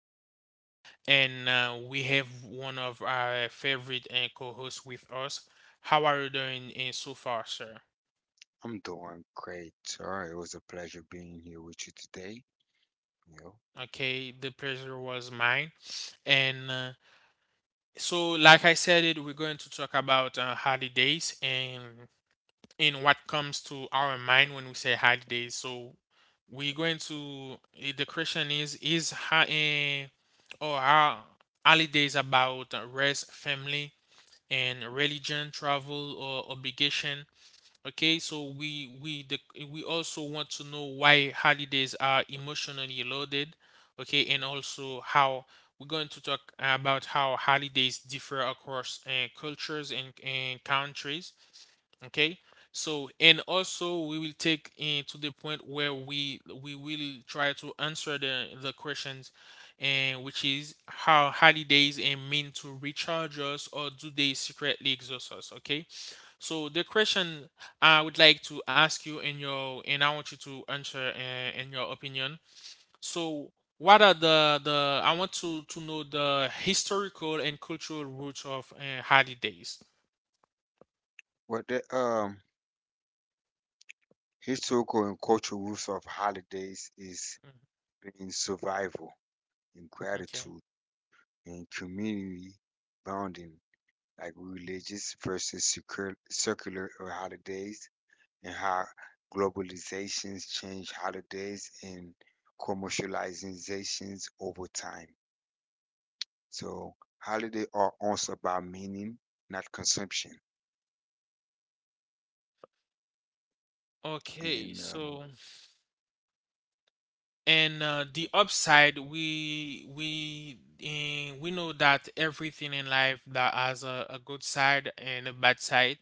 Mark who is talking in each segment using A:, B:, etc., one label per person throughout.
A: holidays. And We have one of our favorite and co hosts with us. How are you doing in so far, sir?
B: I'm doing great, sir. It was a pleasure being here with you today. You know,
A: Okay, the pleasure was mine. And uh, like I said, it we're going to talk about holidays and in what comes to our mind when we say holidays. So, we're going to the question is how Ha'in or how holidays about rest, family, and religion, travel or obligation. Okay, so we the, we also want to know why holidays are emotionally loaded. Okay, and also how we're going to talk about how holidays differ across cultures and countries. Okay, so and also we will take in to the point where we will try to answer the questions and which is how holidays and mean to recharge us or do they secretly exhaust us. Okay, so the question I would like to ask you in your and I want you to answer in your opinion. So what are the I want to know the historical and cultural roots of holidays.
B: what the historical and cultural roots of holidays is
A: Mhm,
B: being survival and
A: okay.
B: gratitude and community bonding, like religious versus secular, circular holidays, and how globalizations change holidays and commercializations over time. So holiday are also about meaning, not consumption.
A: Okay,
B: And
A: so and the upside we know that everything in life that has a good side and a bad side.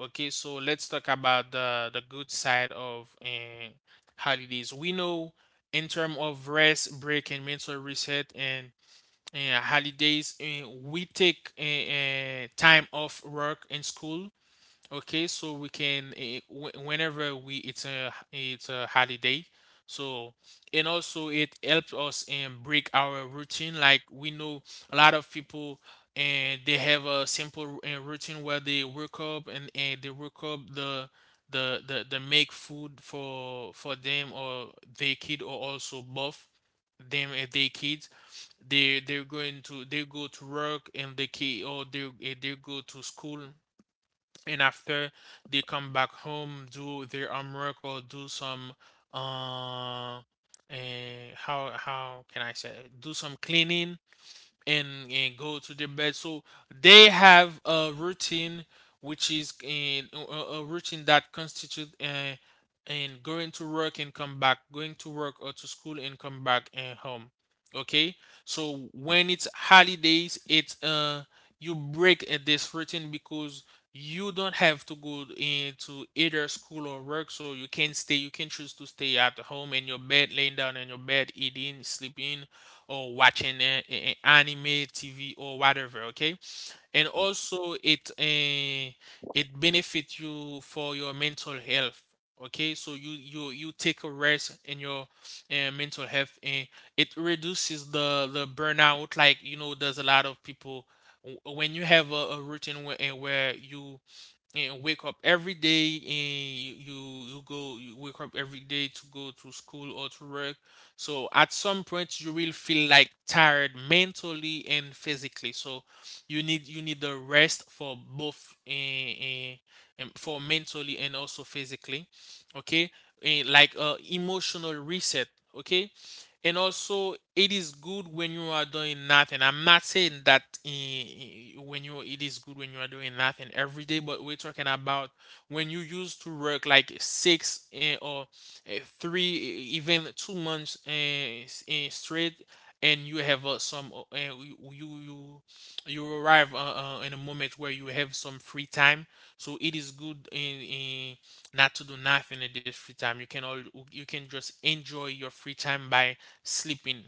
A: Okay, so let's talk about the good side of holidays. We know in terms of rest break and mental reset and holidays we take time off work and school. Okay, so we can whenever we it's a holiday. So and also it helps us and break our routine. Like we know a lot of people and they have a simple routine where they wake up and they wake up the the make food for them or their kid or also both them and their kids. They they go to work and they kid or they go to school and after they come back home do their homework or do some uh and how can I say it? Do some cleaning and go to their bed. So they have a routine which is in a routine that constitute and going to work and come back, going to work or to school and come back and home. Okay, so when it's holidays, it's you break this routine because you don't have to go into either school or work so you can stay you can choose to stay at home in your bed laying down in your bed eating sleeping or watching anime, TV, or whatever. Okay, and
B: Mhm.
A: also it benefits you for your mental health. Okay, so you take a rest in your mental health, and it reduces the burnout. Like you know, there's a lot of people when you have a routine where, where you and wake up every day and you go you wake up every day to go to school or to work. So at some point you will feel like tired mentally and physically so you need the rest for both for mentally and also physically. Okay, and like emotional reset. Okay, and also it is good when you are doing nothing. I'm not saying that when you it is good when you are doing nothing every day but we're talking about when you used to work like six eh, or eh, three eh, even 2 months straight and you have some eh, you arrive in a moment where you have some free time. So it is good in not to do nothing in this free time. You can all you can just enjoy your free time by sleeping.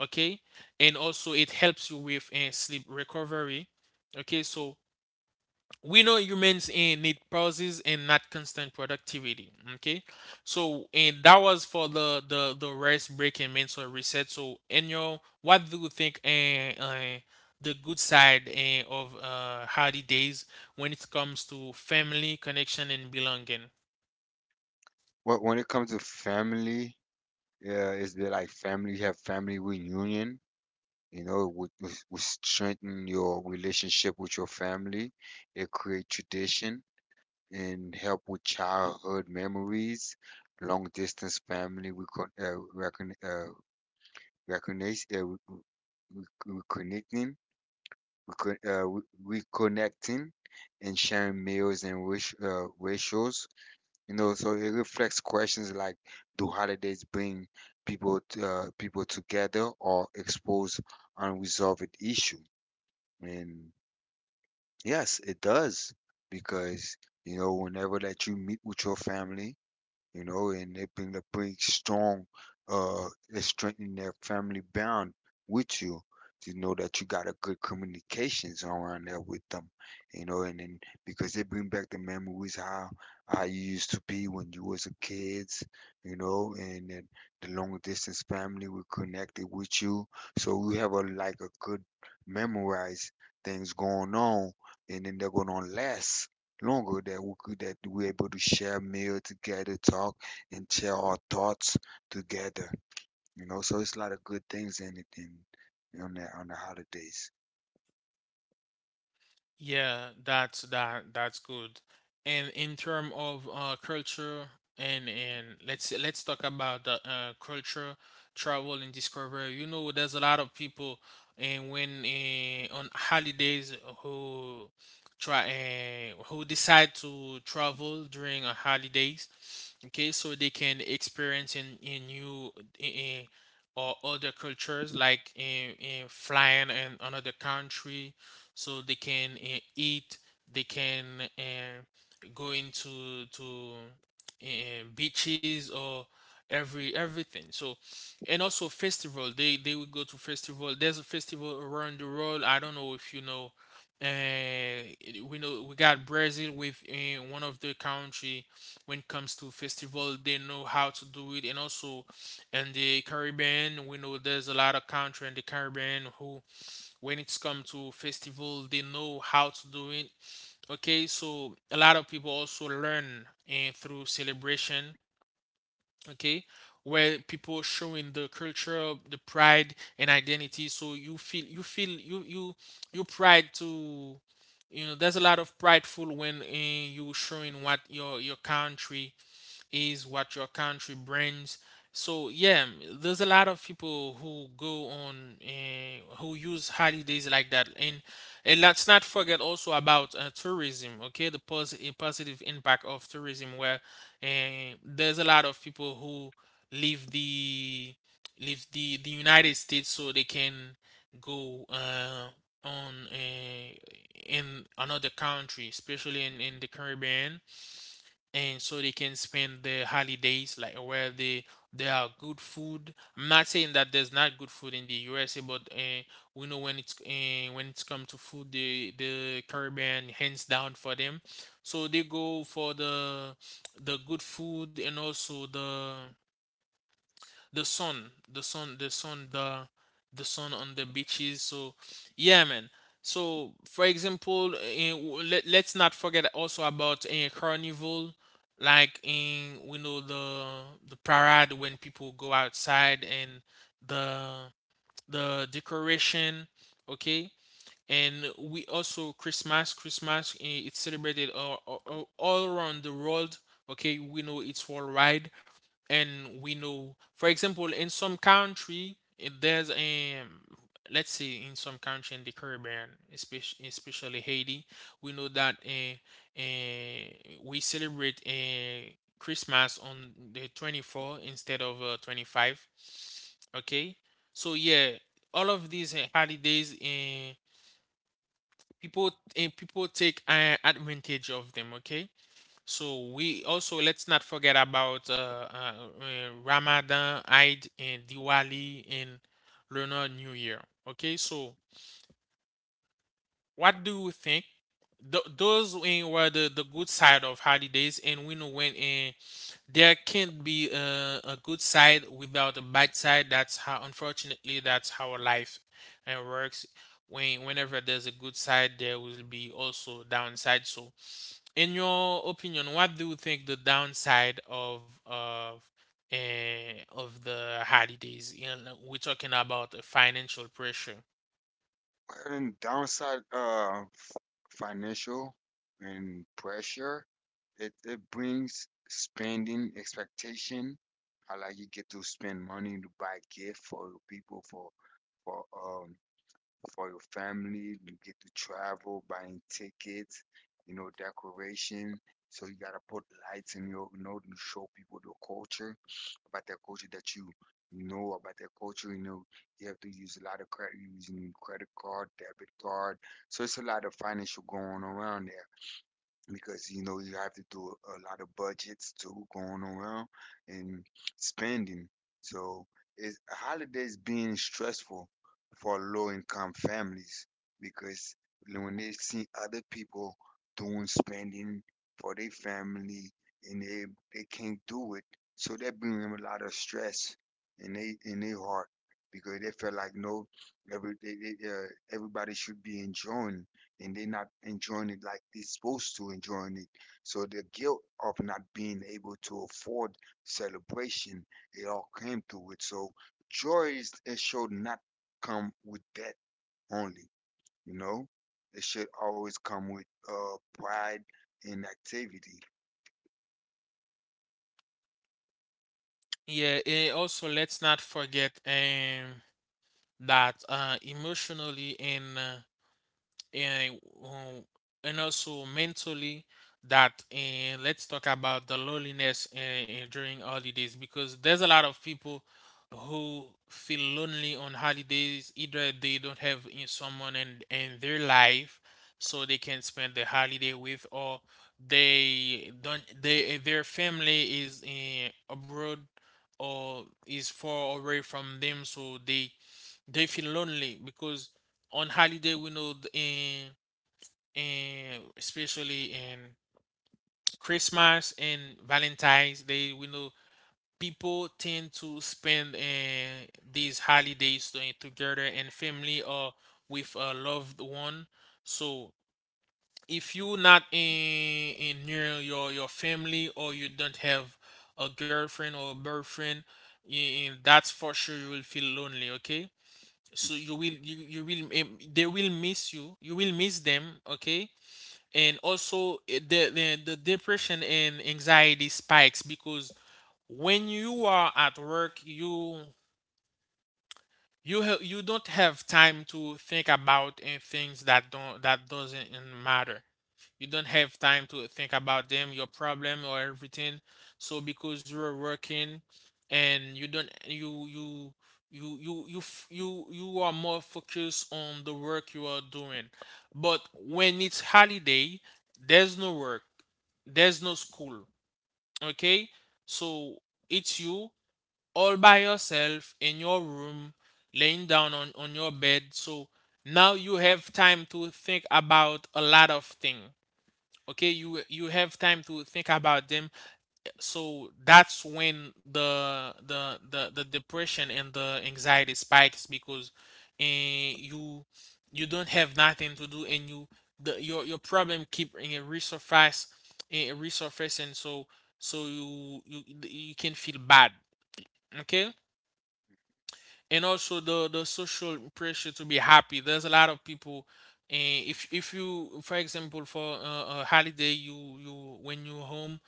A: Okay, and also it helps you with sleep recovery. Okay, so we know humans need pauses and not constant productivity. Okay, so and that was for the rest break and mental reset. So Enyo, what do you think the good side of holidays when it comes to family connection and belonging?
B: Well, when it comes to family, yeah, is there like family have family reunion? You know, it would strengthen your relationship with your family. It create tradition, and help with childhood memories, long distance family recognize, uh, re- reconnecting, reconnecting, and sharing meals and wish, rituals. You know, so it reflects questions like, do holidays bring people together or expose unresolved issue? And yes, it does, because you know whenever that you meet with your family, you know, and it bring a pretty strong, it strengthen their family bond with you. You know that you got a good communications around there with them, you know, and then because they bring back the memories how you used to be when you was a kids, you know, and then the long distance family will connected with you, so we have a like a good memorized things going on, and then they're gonna last longer that we could that we're able to share meal together, talk, and share our thoughts together. You know, so it's a lot of good things in it in on the holidays.
A: Yeah, that's that's good. And in term of culture and let's talk about the culture, travel and discovery. You know, there's a lot of people and when on holidays who try who decide to travel during a holidays. Okay, so they can experience in new in, or other cultures like in flying in another country so they can eat they can go into to beaches or every everything. So and also festival they will go to festival. There's a festival around the world. I don't know if you know. uh we know we got Brazil with one of the country. When it comes to festival they know how to do it, and also in the Caribbean we know there's a lot of country in the Caribbean who when it's come to festival they know how to do it. Okay, so a lot of people also learn and through celebration. Okay, where people showing the culture the pride and identity so you feel you feel you you you pride to you know there's a lot of prideful when you showing what your country is what your country brings. So yeah, there's a lot of people who go on who use holidays like that, and let's not forget also about tourism. Okay, the a positive impact of tourism, where there's a lot of people who leave the leave the United States so they can go on in another country, especially in the Caribbean and so they can spend their holidays like where they there are good food. I'm not saying that there's not good food in the USA, but we know when it's come to food, the Caribbean hands down for them. So they go for the good food and also the sun, the sun, the sun, the sun on the beaches. So, yeah, man. So, for example, let let's not forget also about a carnival, like in we know the parade when people go outside and the the decoration, okay. And we also Christmas, Christmas it's celebrated all around the world. Okay, we know it's worldwide and we know for example in some country there's a let's say in some country in the Caribbean especially especially Haiti we know that uh, we celebrate Christmas on the 24 instead of 25. Okay, so yeah all of these holidays people take advantage of them. Okay, so we also let's not forget about Ramadan, Eid, and Diwali, and Lunar New Year. Okay, so what do you think? Those were the good side of holidays, and we know when there can't be a good side without a bad side. That's how, unfortunately, that's how life works. When whenever there's a good side, there will be also downside. So in your opinion, what do you think the downside of of the holidays? And we're talking about a financial pressure.
B: Well, and downside, financial and pressure, it brings spending expectation. How like you get to spend money to buy gift for people for um for your family. You get to travel, buying tickets, you know, decoration. So you gotta put lights in your, you know, to show people your culture about their culture that you know about their culture. You know, you have to use a lot of credit, using credit card, debit card. So it's a lot of financial going around there because you know you have to do a lot of budgets too going around and spending. So it's holidays being stressful for low income families, because when they see other people doing spending for their family and they can't do it, so that bring them a lot of stress in they in their heart because they feel like no every they, they, uh, everybody should be enjoying and they're not enjoying it like they're supposed to enjoying it. So the guilt of not being able to afford celebration, it all came through it. So joy is it should not come with debt only, you know. It should always come with pride and activity.
A: Yeah, and also let's not forget that emotionally and um, and also mentally that and let's talk about the loneliness and, during holidays because there's a lot of people who feel lonely on holidays either they don't have in someone in their life so they can spend the holiday with or they don't their family is in abroad or is far away from them so they feel lonely because on holiday we know in especially in Christmas and Valentine's Day we know people tend to spend these holidays together and family or with a loved one. So if you not in, in near your family or you don't have a girlfriend or boyfriend, that's for sure you will feel lonely. Okay so you will you, you will they will miss you you will miss them. Okay, and also the, the depression and anxiety spikes because when you are at work you you don't have time to think about in things that don't that doesn't matter. You don't have time to think about them, your problem or everything. So because you're working and you don't you you you you you f- you are more focused on the work you are doing. But when it's holiday, there's no work, there's no school. Okay? So it's you all by yourself in your room, laying down on your bed. So now you have time to think about a lot of things. Okay, you have time to think about them. So that's when the depression and the anxiety spikes because eh, you you don't have nothing to do and you the your problem keep resurface resurfacing, so so you can feel bad. Okay? And also the social pressure to be happy. There's a lot of people, and if you, for example, for a holiday, you when you're home,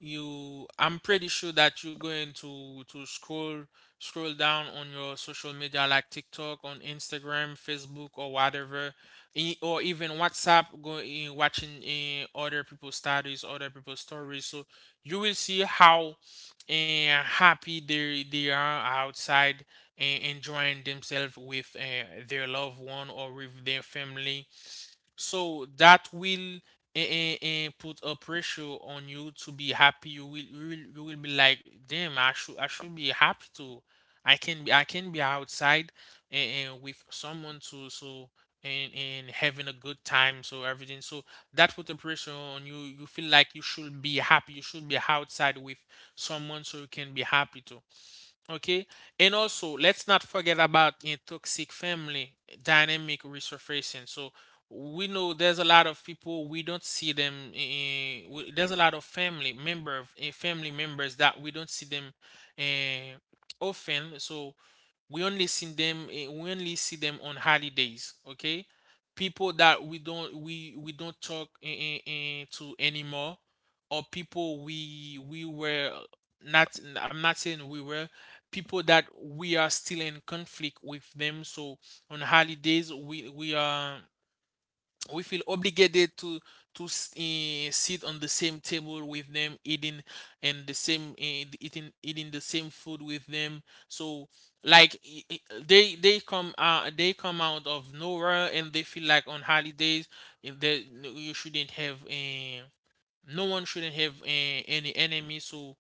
A: you I'm pretty sure that you're going to scroll, scroll down on your social media, like TikTok, on Instagram, Facebook, or whatever, or even WhatsApp, going, watching other people's status, other people's stories. So you will see how happy they are outside and enjoying themselves with their loved one or with their family. So that will put a pressure on you to be happy. You will be like, damn, I should be happy too. I can be outside and with someone to, so and having a good time. So everything. So that put a pressure on you. You feel like you should be happy. You should be outside with someone so you can be happy too. Okay. And also, let's not forget about in toxic family dynamic resurfacing. So we know there's a lot of people we don't see them in, there's a lot of family member, family members that we don't see them eh, often. So we only see them, we only see them on holidays. Okay, people that we don't, we don't talk to anymore, or people we were not, I'm not saying we were, people that we are still in conflict with them. So on holidays we are we feel obligated to to sit on the same table with them eating, and the same eating the same food with them. So like, they come, they come out of nowhere, and they feel like on holidays, eh, they you shouldn't have no one shouldn't have any enemy. So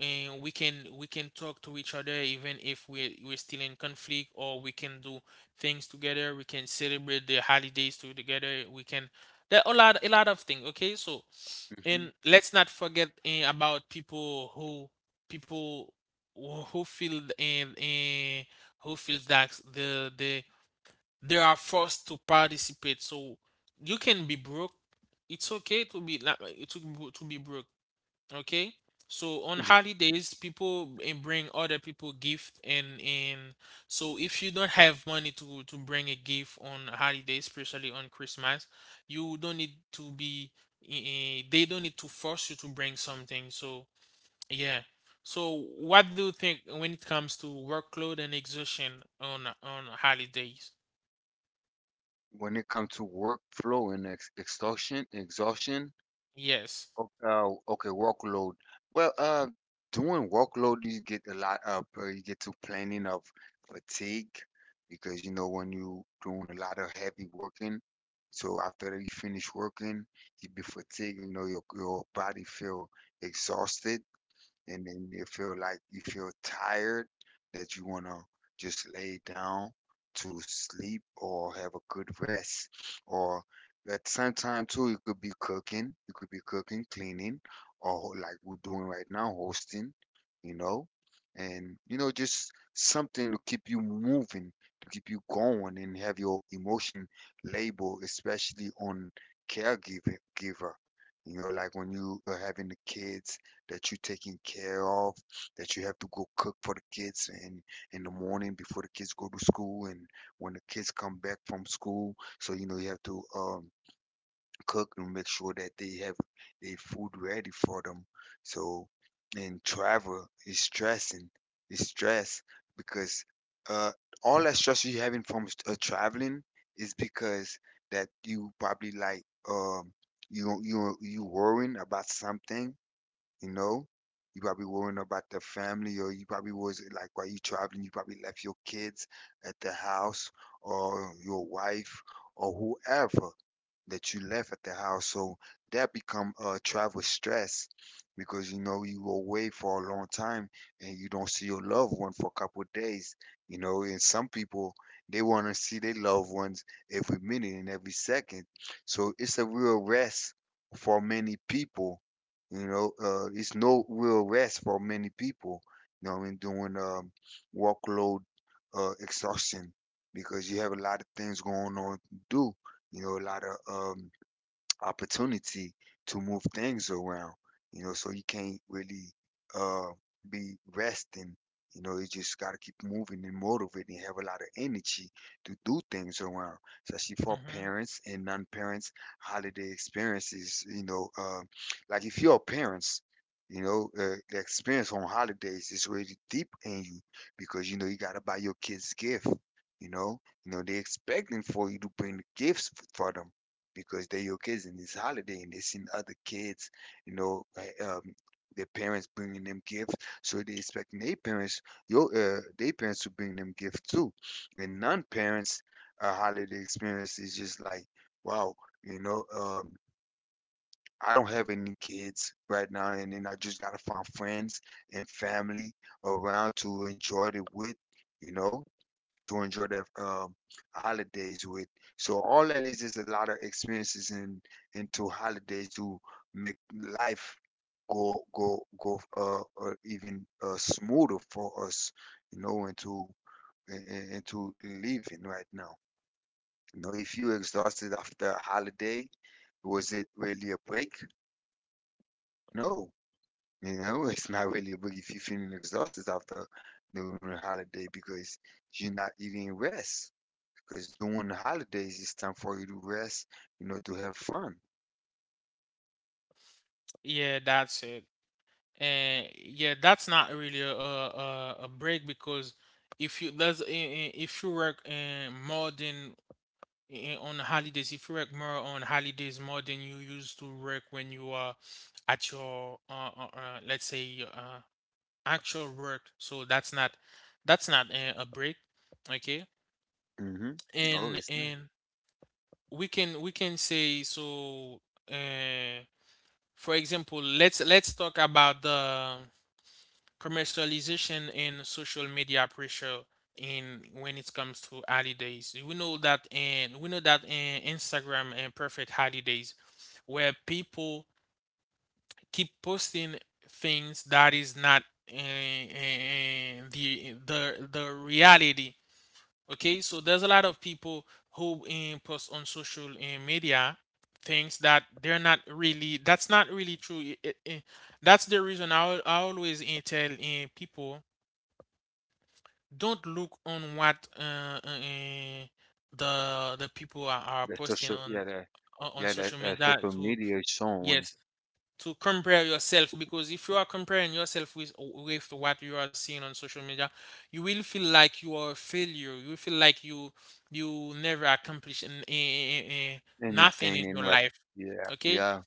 A: we can, we can talk to each other even if we're still in conflict, or we can do things together, we can celebrate the holidays too together, we can, there are a lot of things. Okay, so and
B: Hmm.
A: let's not forget about people who feel and who feels that they are forced to participate. So you can be broke. It's okay to be like to be broke. Okay. So on holidays, people bring other people gift and so if you don't have money to bring a gift on holidays, especially on Christmas, you don't need to be. They don't need to force you to bring something. So yeah. So what do you think when it comes to workload and exhaustion on holidays?
B: When it comes to workflow and exhaustion,
A: Yes.
B: Workload. Well, uh, doing workload, you get a lot of, you get to planning of fatigue, because you know when you doing a lot of heavy working, so after you finish working, you be fatigued. You know your body feel exhausted and then you feel like you feel tired that you want to just lay down to sleep or have a good rest, or at the same time too you could be cooking cleaning, or like we're doing right now hosting, you know, and you know just something to keep you moving, to keep you going, and have your emotion label, especially on caregiver giver. You know, like when you are having the kids that you're taking care of, that you have to go cook for the kids in the morning before the kids go to school, and when the kids come back from school. So you know you have to cook and make sure that they have their food ready for them. So and travel is stressing, is stress, because uh, all that stress you're having from traveling is because that you probably like um you worrying about something, you know, you probably worrying about the family, or you probably was like while you traveling, you probably left your kids at the house, or your wife, or whoever that you left at the house. So that become travel stress because you know you were away for a long time and you don't see your loved one for a couple of days. You know, and some people they want to see their loved ones every minute and every second. So it's a real rest for many people. You know, it's no real rest for many people. You know what I mean, doing workload, exhaustion, because you have a lot of things going on to do, you know, a lot of opportunity to move things around, you know, so you can't really uh be resting. You know, you just gotta keep moving and motivated and have a lot of energy to do things around, especially for
A: Hmm.
B: parents and non-parents holiday experiences. You know, like if you're parents, you know, the experience on holidays is really deep in you because you know you gotta buy your kids gift. You know, you know they expecting for you to bring the gifts for them because they're your kids and it's holiday and they seen other kids, you know, like, their parents bringing them gifts, so they expecting their parents to bring them gifts too. And non-parents, a holiday experience is just like, wow, you know, I don't have any kids right now, and then I just gotta find friends and family around to enjoy it with, you know, to enjoy their holidays with. So all that is just a lot of experiences and into holidays to make life go even smoother for us, you know, and to and, and to living right now. You know, if you exhausted after a holiday, was it really a break? No, you know, it's not really a break if you're feeling exhausted after the holiday because you're not eating rest. Because during the holidays, it's time for you to rest, you know, to have fun.
A: Yeah, that's it. And yeah, that's not really a break, because if you there's, if you work more than, on holidays, if you work more on holidays more than you used to work when you are at your let's say your, actual work, so that's not, that's not a break, okay?
B: Hmm. Oh, it's not.
A: And we can, we can say so. Uh, for example, let's talk about the commercialization and social media pressure in, when it comes to holidays. We know that, and we know that in Instagram and perfect holidays where people keep posting things that is not the reality. Okay, so there's a lot of people who post on social media things that they're not really, that's not really true. That's the reason I, I always tell people, don't look on what the people are
B: The
A: posting
B: social,
A: on, on
B: yeah, the
A: social media
B: social
A: to,
B: media is showing
A: yes, to compare yourself, because if you are comparing yourself with what you are seeing on social media, you will feel like you are a failure, you will feel like you never accomplish an, nothing in
B: anything
A: your
B: and what,
A: life.
B: yeah,
A: Okay,
B: yeah.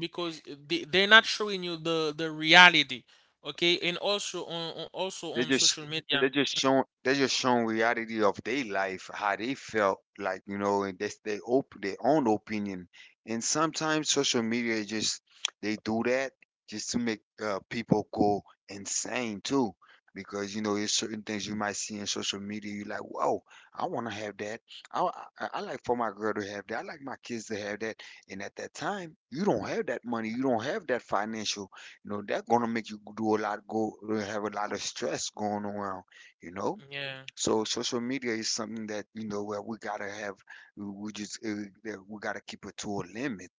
A: because they, they're not showing you the reality. Okay, and also on also
B: They
A: on
B: just
A: social media,
B: they just showing reality of their life, how they felt like, you know, and that's their own opinion. And sometimes social media just they do that just to make people go insane too, because you know there's certain things you might see in social media. You're like, whoa, I want to have that. I, I like for my girl to have that. I like my kids to have that. And at that time, you don't have that money. You don't have that financial, you know, that gonna make you do a lot, go have a lot of stress going around, you know.
A: yeah.
B: So social media is something that, you know, where we gotta have, we we just, uh, that we gotta keep it to a limit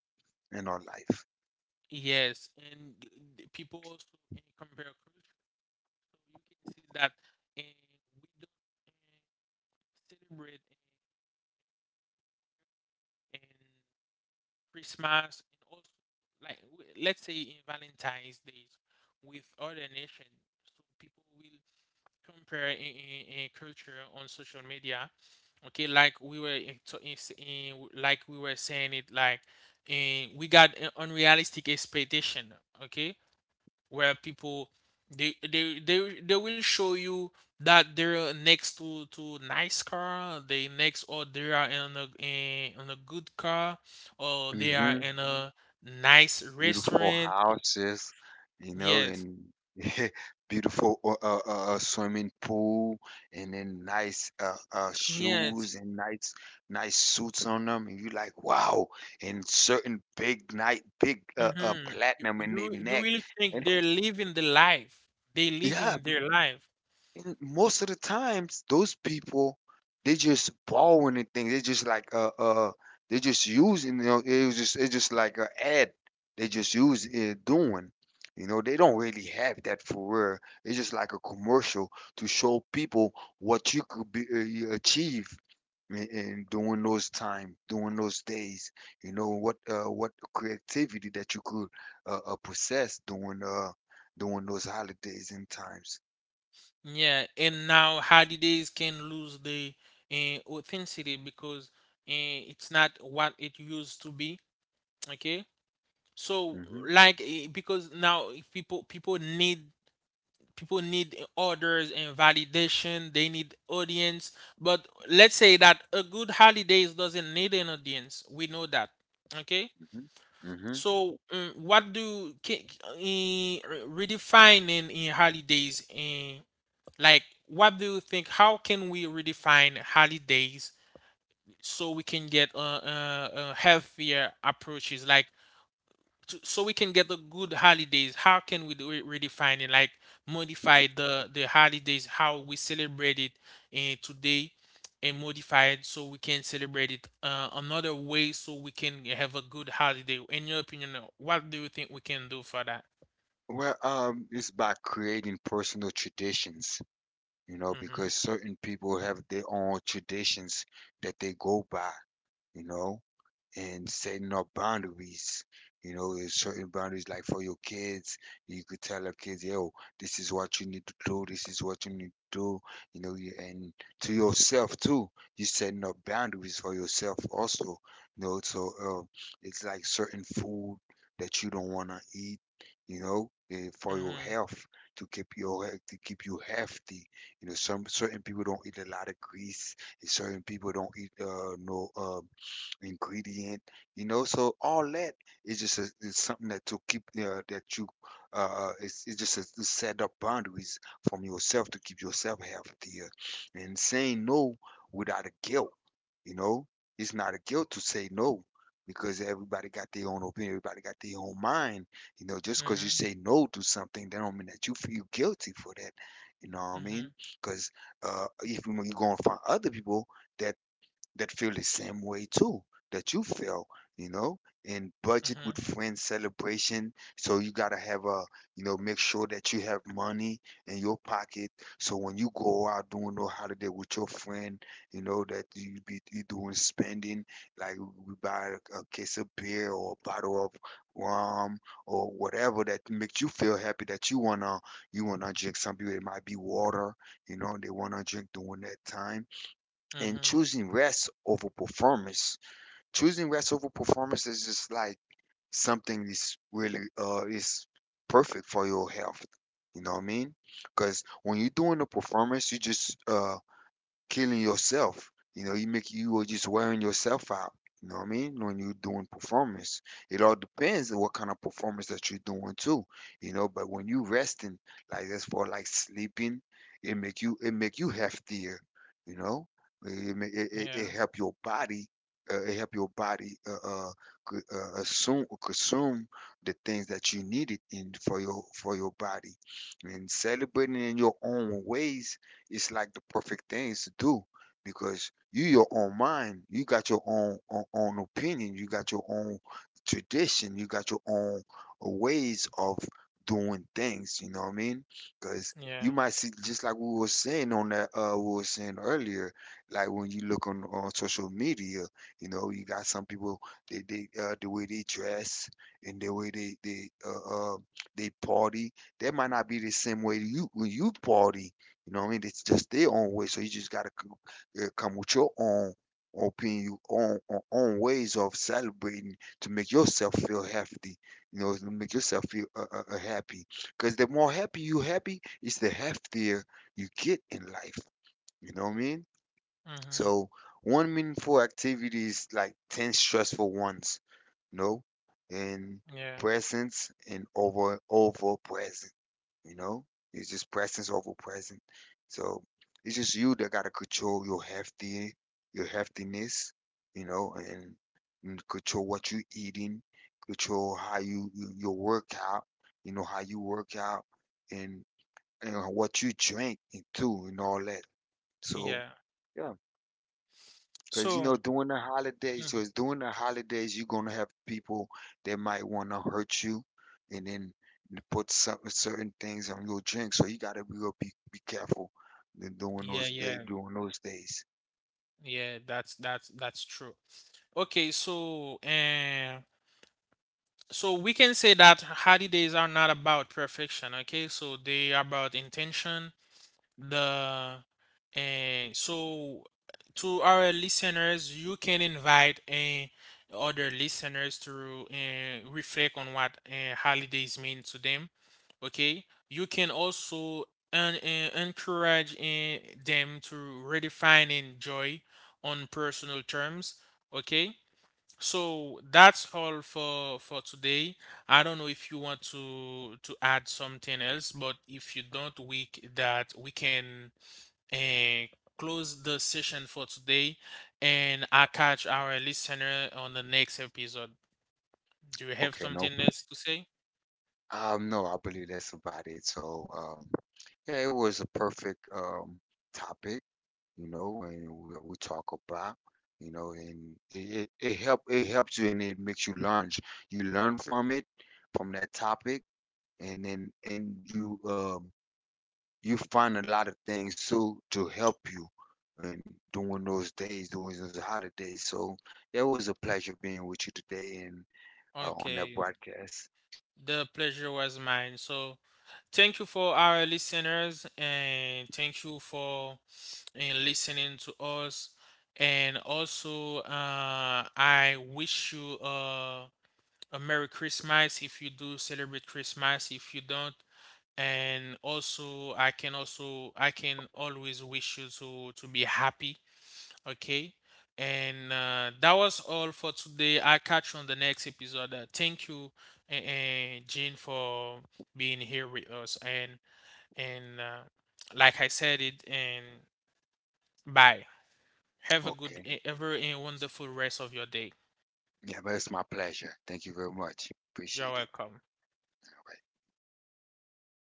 B: in our life.
A: Yes, and people also compare culture, so you can see that and we don't eh, celebrate in, Christmas, and also like, let's say in Valentine's Day, with other nations. So people will compare in, culture on social media. Okay, like we were in, in, like we were saying it, like we got an unrealistic expectation. Okay, where people they will show you that they're next to nice car, they next, or they are in a, in, in a good car, or they are
B: Hmm.
A: in a nice
B: Beautiful
A: restaurant.
B: houses, you know,
A: Yes.
B: and beautiful swimming pool, and then nice
A: Yes.
B: shoes and nice suits on them, and you like wow, and certain big night big
A: Mm-hmm. you,
B: platinum in their
A: you you
B: neck,
A: really think
B: and
A: they're living the life, they
B: yeah,
A: living their life.
B: and most of the times, those people they just borrowing the thing. They just like they just using, you know, it was just it's just like a ad. They just use it doing. You know they don't really have that for real. It's just like a commercial to show people what you could be you achieve in during those time, during those days. You know what creativity that you could possess during during those holidays and times.
A: Yeah, and now holidays can lose the authenticity, because it's not what it used to be. Okay, so
B: Hmm.
A: like because now if people, people need, people need orders and validation, they need audience. But let's say that a good holidays doesn't need an audience. We know that. Okay?
B: Mhm. Mhm.
A: So mm, what do redefine in holidays in, like what do you think, how can we redefine holidays so we can get healthier approaches, like to, so we can get the good holidays, how can we do it, redefine it, like modify the holidays how we celebrate it today, and modify it so we can celebrate it another way so we can have a good holiday. In your opinion, what do you think we can do for that?
B: Well, it's by creating personal traditions, you know,
A: Mm-hmm.
B: because certain people have their own traditions that they go by, you know, and setting up boundaries. You know, there's certain boundaries like for your kids, you could tell your kids, yo, this is what you need to do, this is what you need to do, you know, you- and to yourself too, you're setting up boundaries for yourself also. You know, so it's like certain food that you don't want to eat, you know, for your
A: Mm-hmm.
B: health to keep your health to keep you healthy. You know, some certain people don't eat a lot of grease, certain people don't eat no ingredient, you know. So all that is just a, is something that to keep that you it's just a, to set up boundaries from yourself to keep yourself healthier, and saying no without a guilt, you know. It's not a guilt to say no because everybody got their own opinion, everybody got their own mind, you know. Just because you
A: Mm-hmm.
B: say no to something, that don't mean that you feel guilty for that. You know what I mean?
A: Mm-hmm.
B: Because if you're going to find other people that that feel the same way too that you feel, you know, and budget
A: Mm-hmm.
B: with friends celebration. So you gotta have a, make sure that you have money in your pocket. So when you go out doing no holiday with your friend, you know that you be you doing spending like we buy a case of beer or a bottle of rum or whatever that makes you feel happy that you wanna drink. Some people it might be water, you know, they wanna drink during that time and
A: Mm-hmm.
B: choosing rest over performance. Choosing rest over performance is just like something is really is perfect for your health. You know what I mean? Because when you're doing a performance, you just killing yourself. You know, you are just wearing yourself out. You know what I mean? When you're doing performance, it all depends on what kind of performance that you're doing too. You know, but when you resting, like that's for like sleeping, it make you heftier. You know, it ma- it, it,
A: Yeah.
B: it help your body. It help your body c- assume consume the things that you needed in for your body, and celebrating in your own ways it's like the perfect things to do because you your own mind, you got your own opinion, you got your own tradition, you got your own ways of doing things. You know what I mean? Because
A: Yeah.
B: you might see just like we were saying earlier, like when you look on social media, you know, you got some people the way they dress and the way they they party, that might not be the same way you when you party. You know what I mean? It's just their own way. So you just gotta come with your own opinion, your own ways of celebrating to make yourself feel healthy. You know, to make yourself feel happy. Because the more happy you happy, it's the healthier you get in life. You know what I mean?
A: Mm-hmm.
B: So one meaningful activity is like 10 stressful ones, you know, and
A: Yeah.
B: presence and over present, you know? It's just presence over present. So it's just you that gotta control your hefty your heftiness, you know, and control what you eating, control how your workout, you know, how you work out and and what you drink and too and all that. So
A: Yeah.
B: yeah, because you
A: So.
B: know,
A: Mhm.
B: during the holidays, you're gonna have people that might wanna hurt you, and then put some certain things on your drink. So you gotta be careful than during
A: Yeah.
B: those day
A: Yeah.
B: during those days.
A: Yeah, that's, that's true. Okay, so so we can say that holidays are not about perfection, okay? So they are about intention, the, and so, to our listeners, you can invite and other listeners to reflect on what holidays mean to them. Okay, you can also encourage them to redefine joy on personal terms. Okay, so that's all for today. I don't know if you want to add something else, but if you don't, that we can uh, close the session for today, and I catch our listener on the next episode. Do you have
B: Okay,
A: something else to say?
B: no, I believe that's about it. So, yeah, it was a perfect topic, you know, and we talk about, you know, and it helps you and it makes you learn. You learn from it, from that topic and then and you you find a lot of things so to help you and during those holidays. So it was a pleasure being with you today and on that
A: Okay,
B: broadcast.
A: the pleasure was mine. So. Thank you for our listeners, and thank you for and listening to us. And also, I wish you a Merry Christmas if you do celebrate Christmas. If you don't, and also I can, also I can always wish you to be happy. Okay. And that was all for today. I catch you on the next episode. Thank you, and Jean, for being here with us. And like I said it, and bye. Have a good,
B: Okay.
A: have a wonderful rest of your day.
B: Yeah, but it's my pleasure. Thank you very much,
A: You're
B: appreciate it.
A: welcome.
B: All right.